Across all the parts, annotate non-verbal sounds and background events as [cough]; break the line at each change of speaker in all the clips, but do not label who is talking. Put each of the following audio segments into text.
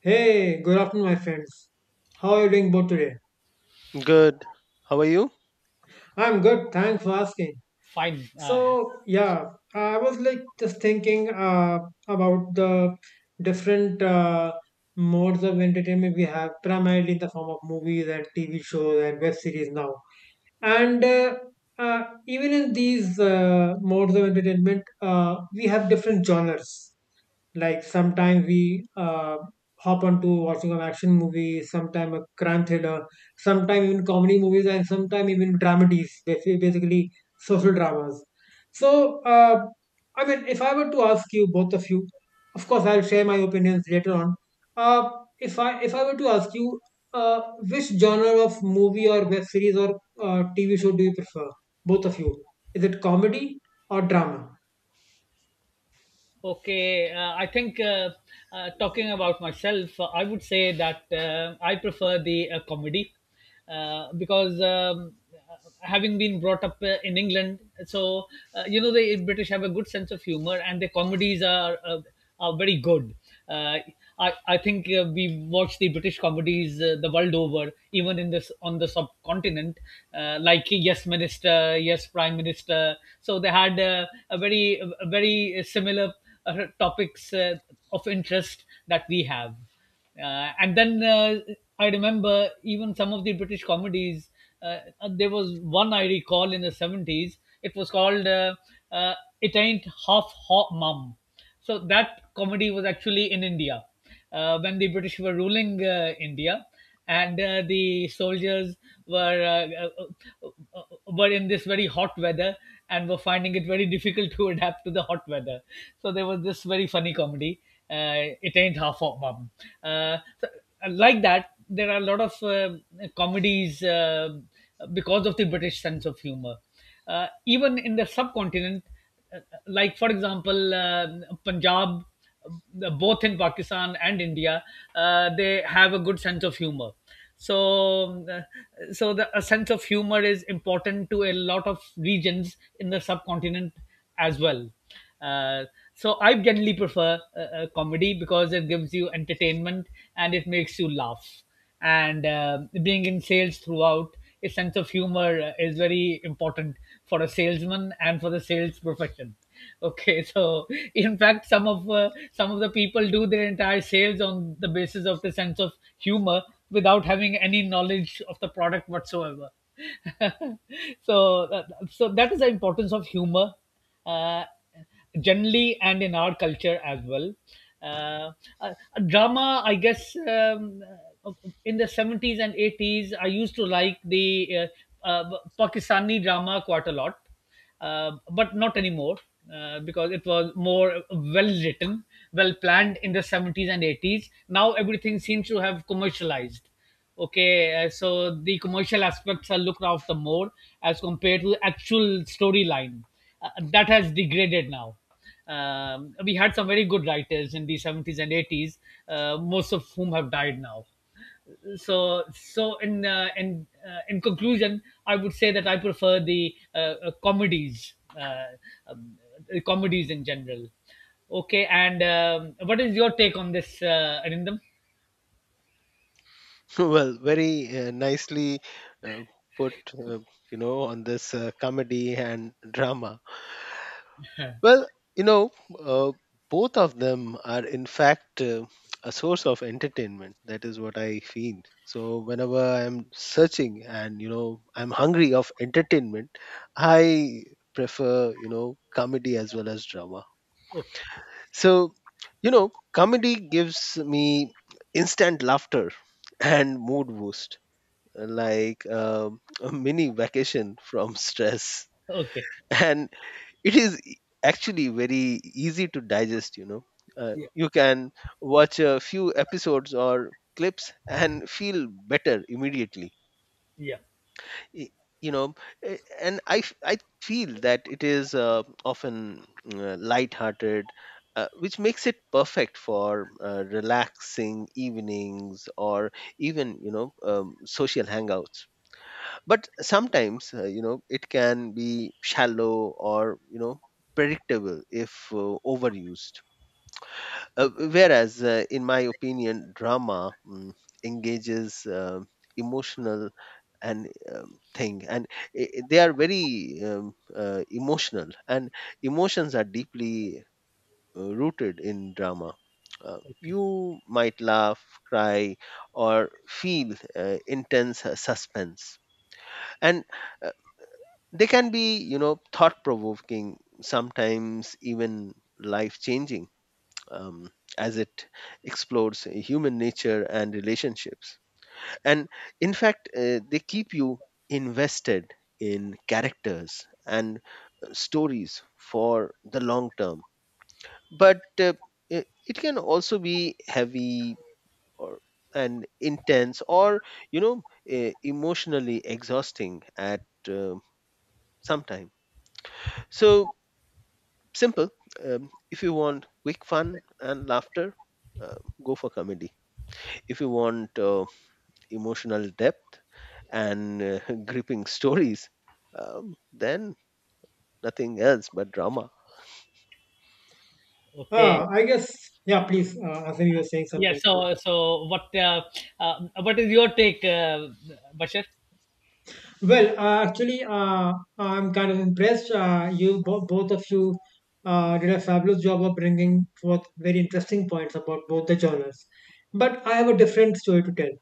Hey, good afternoon, my friends. How are you doing both today?
Good. How are you? [laughs]
I'm good. Thanks for asking.
Fine.
So, yeah, I was like just thinking about the different modes of entertainment we have, primarily in the form of movies and TV shows and web series now. And Even in these modes of entertainment, we have different genres. Like sometimes we hop onto watching an action movie, sometime a crime thriller, sometime even comedy movies, and sometime even dramedies, basically social dramas. So, uh, I mean, if I were to ask you, both of you, of course, I'll share my opinions later on. Uh, if I were to ask you, uh, which genre of movie or web series or TV show do you prefer? Both of you, is it comedy or drama?
Okay. I think talking about myself, I would say that I prefer the comedy because having been brought up in England, so you know the British have a good sense of humor, and their comedies are are very good. Uh, I think we watch the British comedies the world over, even in this on the subcontinent, like Yes Minister, Yes Prime Minister. So they had a very similar topics of interest that we have. And then I remember even some of the British comedies. There was one I recall in the 70s. It was called uh, "It Ain't Half Hot Mum." So that comedy was actually in India when the British were ruling India, and the soldiers were in this very hot weather and were finding it very difficult [laughs] to adapt to the hot weather. So there was this very funny comedy. It ain't half hot, mum. So, like that, there are a lot of comedies because of the British sense of humor even in the subcontinent, uh, like for example Punjab, both in Pakistan and India. They have a good sense of humor, so uh, so the a sense of humor is important to a lot of regions in the subcontinent as well. uh, so I generally prefer comedy because it gives you entertainment, and it makes you laugh. And being in sales throughout, a sense of humor is very important for a salesman and for the sales profession. [laughs] Okay, so in fact, some of the people do their entire sales on the basis of the sense of humor without having any knowledge of the product whatsoever. [laughs] so, uh, so that is the importance of humor. Uh, Generally, and in our culture as well. Uh, Drama, I guess, uh, in the 70s and 80s, I used to like the uh, uh, Pakistani drama quite a lot, but not anymore, because it was more well written, well planned in the 70s and 80s. Now everything seems to have commercialized. Okay, so the commercial aspects are looked after more as compared to the actual storyline. That has degraded now. We had some very good writers in the 70s and 80s, most of whom have died now. So, in conclusion, I would say that I prefer the comedies, um, comedies in general. Okay, and what is your take on this, Arindam?
Well, very nicely uh, put, you know, on this comedy and drama.
[laughs]
Well, you know, uh, both of them are in fact a source of entertainment. That is what I feel. So whenever I'm searching and, you know, I'm hungry of entertainment, I prefer, you know, comedy as well as drama.
Okay,
So, you know, comedy gives me instant laughter and mood boost, like a mini vacation from [laughs] stress.
okay.
And it is actually very easy to digest, you know. You can watch a few episodes or clips and feel better immediately
Yeah.
y- you know and I feel that it is often light-hearted which makes it perfect for relaxing evenings or even you know social hangouts, but sometimes you know it can be shallow or you know predictable if overused, whereas, in my opinion, drama engages emotional and thing, and they are very emotional, and emotions are deeply rooted in drama.
Okay.
You might laugh, cry, or feel intense suspense, and uh, they can be, you know, thought-provoking, sometimes even life-changing, um, as it explores human nature and relationships. And in fact, they keep you invested in characters and stories for the long term. But it can also be heavy or and intense or you know emotionally exhausting at uh, some time. So simple, if you want quick fun and laughter, uh, go for comedy. If you want emotional depth and [laughs] gripping stories, then nothing else but drama.
Okay.
I guess, yeah, please, Asim, you were saying
Yeah.
something. Yeah.
So, so what? What is your take, Bashar?
Actually, I'm kind of impressed. Both of you did a fabulous job of bringing forth very interesting points about both the genres. But I have a different story to tell.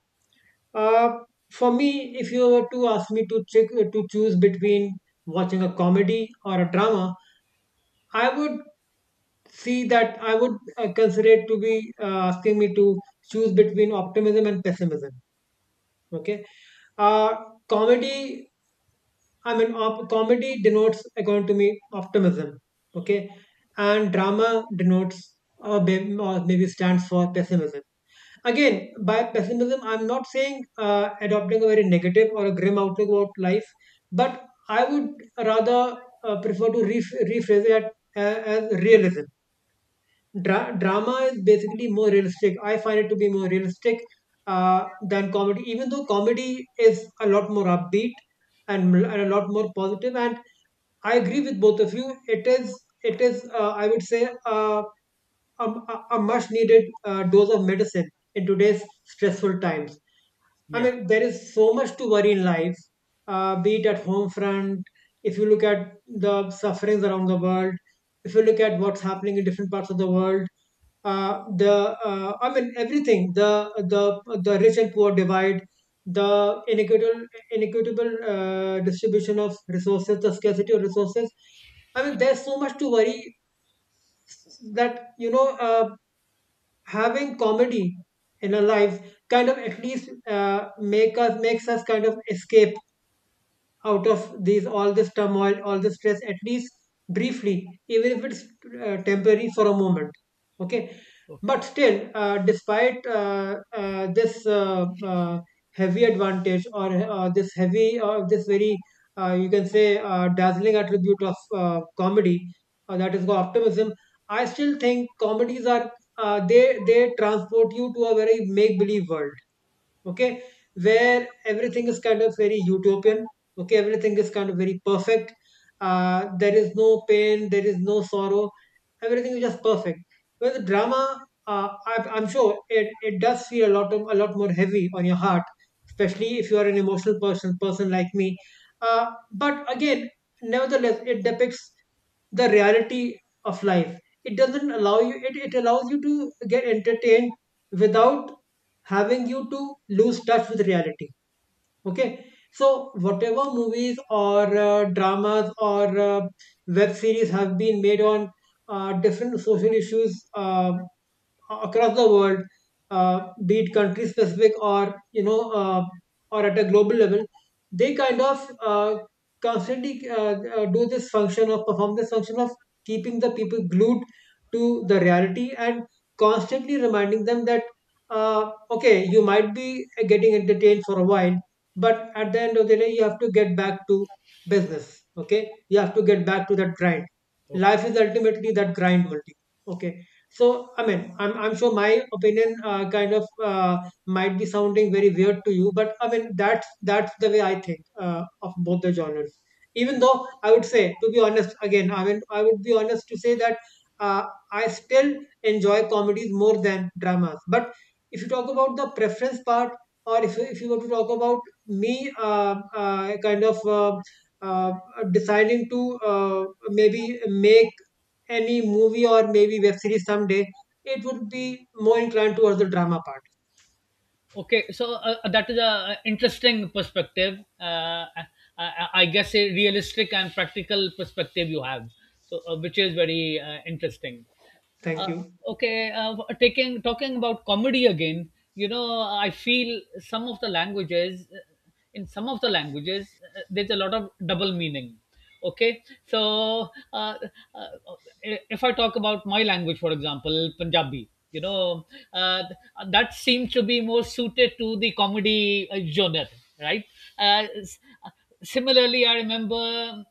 Uh, for me, if you were to ask me to choose between watching a comedy or a drama, I would see that I would consider it to be asking me to choose between optimism and pessimism. Okay. uh Comedy, comedy denotes, according to me, optimism. Okay. And drama denotes, or maybe stands for, pessimism. Again, by pessimism, I'm not saying adopting a very negative or a grim outlook about life, but I would rather prefer to rephrase it at, as realism. Drama is basically more realistic. I find it to be more realistic than comedy, even though comedy is a lot more upbeat and a lot more positive. And I agree with both of you. It is, I would say, a, a much needed dose of medicine in today's stressful times. I
Yeah.
mean, there is so much to worry in life, be it at home front, if you look at the sufferings around the world, if you look at what's happening in different parts of the world, the I mean everything, the the rich and poor divide, the inequitable distribution of resources, the scarcity of resources. I mean, there's so much to worry that, you know. Having comedy in our lives kind of, at least makes us kind of escape out of these all this turmoil, all this stress, at least briefly, even if it's temporary, for a moment. Okay.
Okay.
But still, despite this heavy advantage, or this very you can say dazzling attribute of comedy, that is optimism, I still think comedies are uh, they they transport you to a very make believe world. Okay. Where everything is kind of very utopian. Okay. Everything is kind of very perfect. There is no pain, there is no sorrow, everything is just perfect. With drama, I'm sure it does feel a lot of, a lot more heavy on your heart, especially if you are an emotional person like me. But again, nevertheless, it depicts the reality of life. It doesn't allow you it, it allows you to get entertained without having you to lose touch with reality. Okay. So whatever movies or dramas or web series have been made on different social issues across the world, uh, be it country specific or, you know, or at a global level, they kind of constantly do this function of perform this function of keeping the people glued to the reality and constantly reminding them that, okay, you might be getting entertained for a while, but at the end of the day, you have to get back to business. Okay, you have to get back to that grind.
Okay.
Life is ultimately that grind only. Okay. So, I mean, I'm sure my opinion kind of might be sounding very weird to you, but I mean, that's the way I think of both the genres. Even though I would say, to be honest, again, I mean, I would be honest to say that uh, I still enjoy comedies more than dramas. But if you talk about the preference part, or if you were to talk about me uh, deciding to maybe make any movie or maybe web series someday, it would be more inclined towards the drama part.
Okay. So that is a interesting perspective. I, I guess a realistic and practical perspective you have. So, which is very interesting. Uh,
Thank you.
okay, taking talking about comedy again. You know, I feel some of the languages, in some of the languages, there's a lot of double meaning. Okay, so uh, if I talk about my language, for example, Punjabi, uh, that seems to be more suited to the comedy genre, right? Uh, Similarly, I remember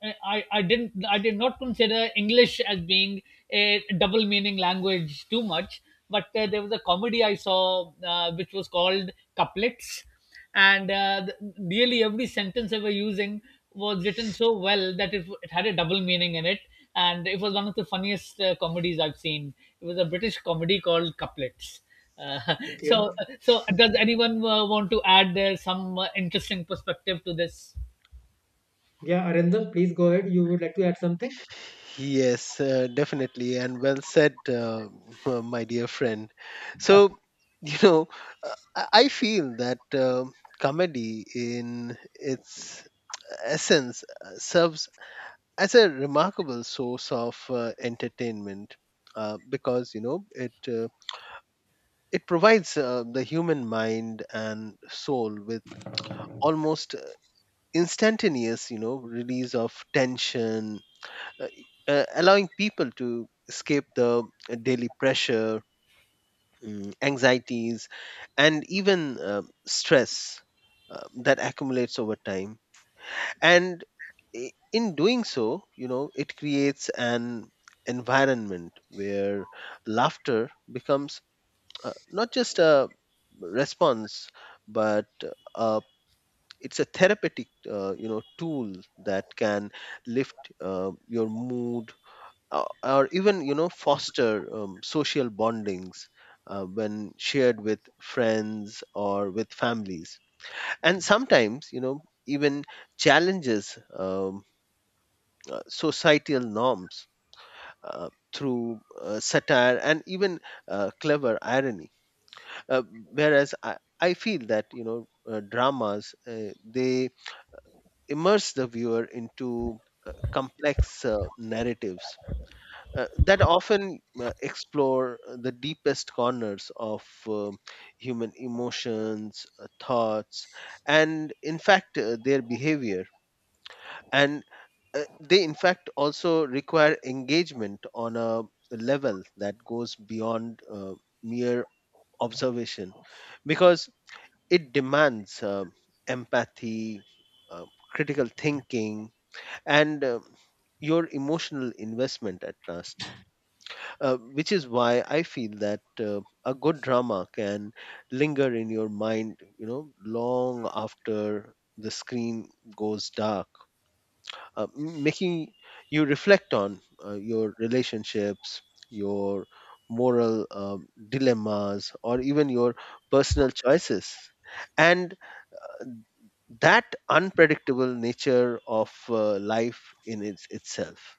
I didn't I did not consider English as being a double meaning language too much, but there was a comedy I saw, which was called Couplets, and nearly every sentence they were using was written so well that it had a double meaning in it, and it was one of the funniest comedies I've seen. It was a British comedy called Couplets. uh, [laughs] so
Okay.
so does anyone want to add some interesting perspective to this?
Yeah, Arindam, please go ahead. You would like to add something?
Yes, definitely, and well said, [laughs] my dear friend.
[laughs]
So, you know, I feel that comedy, in its essence, serves as a remarkable source of entertainment because you know it. It provides the human mind and soul with almost instantaneous, you know, release of tension, uh, allowing people to escape the daily pressure, anxieties, and even stress that accumulates over time. And in doing so, you know, it creates an environment where laughter becomes not just a response but uh, it's a therapeutic you know tool that can lift your mood, or even you know foster social bondings when shared with friends or with families, and sometimes you know even challenges societal norms through satire and even clever irony, uh, whereas I feel that you know dramas they immerse the viewer into complex narratives that often explore the deepest corners of human emotions, thoughts, and in fact their behavior, and they in fact also require engagement on a level that goes beyond mere observation because it demands empathy, uh, critical thinking, and your emotional investment at last. Which is why I feel that a good drama can linger in your mind, you know, long after the screen goes dark, making you reflect on your relationships, your moral dilemmas, or even your personal choices and that unpredictable nature of life in its, itself.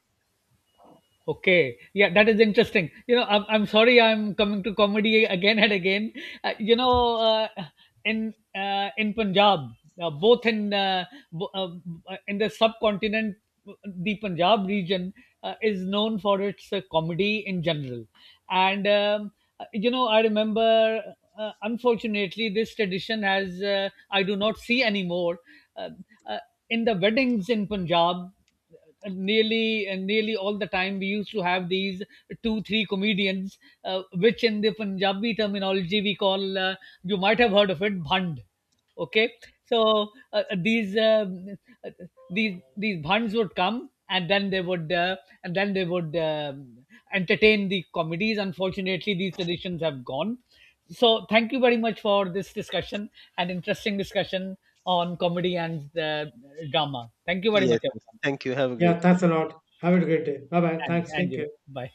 Okay, yeah, that is interesting. You know, I'm sorry I'm coming to comedy again and again. Uh, you know, uh, in Punjab, uh, both in uh, bo- uh, in the subcontinent, the Punjab region is known for its comedy in general. And you know, I remember, unfortunately, this tradition has, I do not see anymore. Uh, uh, in the weddings in Punjab, nearly all the time, we used to have these two three comedians, which in the Punjabi terminology we call, you might have heard of it, bhand. Okay, so these uh, these bhands would come, and then they would and then they would um entertain the comedies. Unfortunately, these traditions have gone. So thank you very much for this discussion, an interesting discussion on comedy and drama. Thank you very
Yes,
much,
yes.
everyone.
Thank you, have a
Yeah,
great day.
thanks a lot. Have a great day. Bye bye.
And,
Thanks.
and
Take
you.
care.
Bye.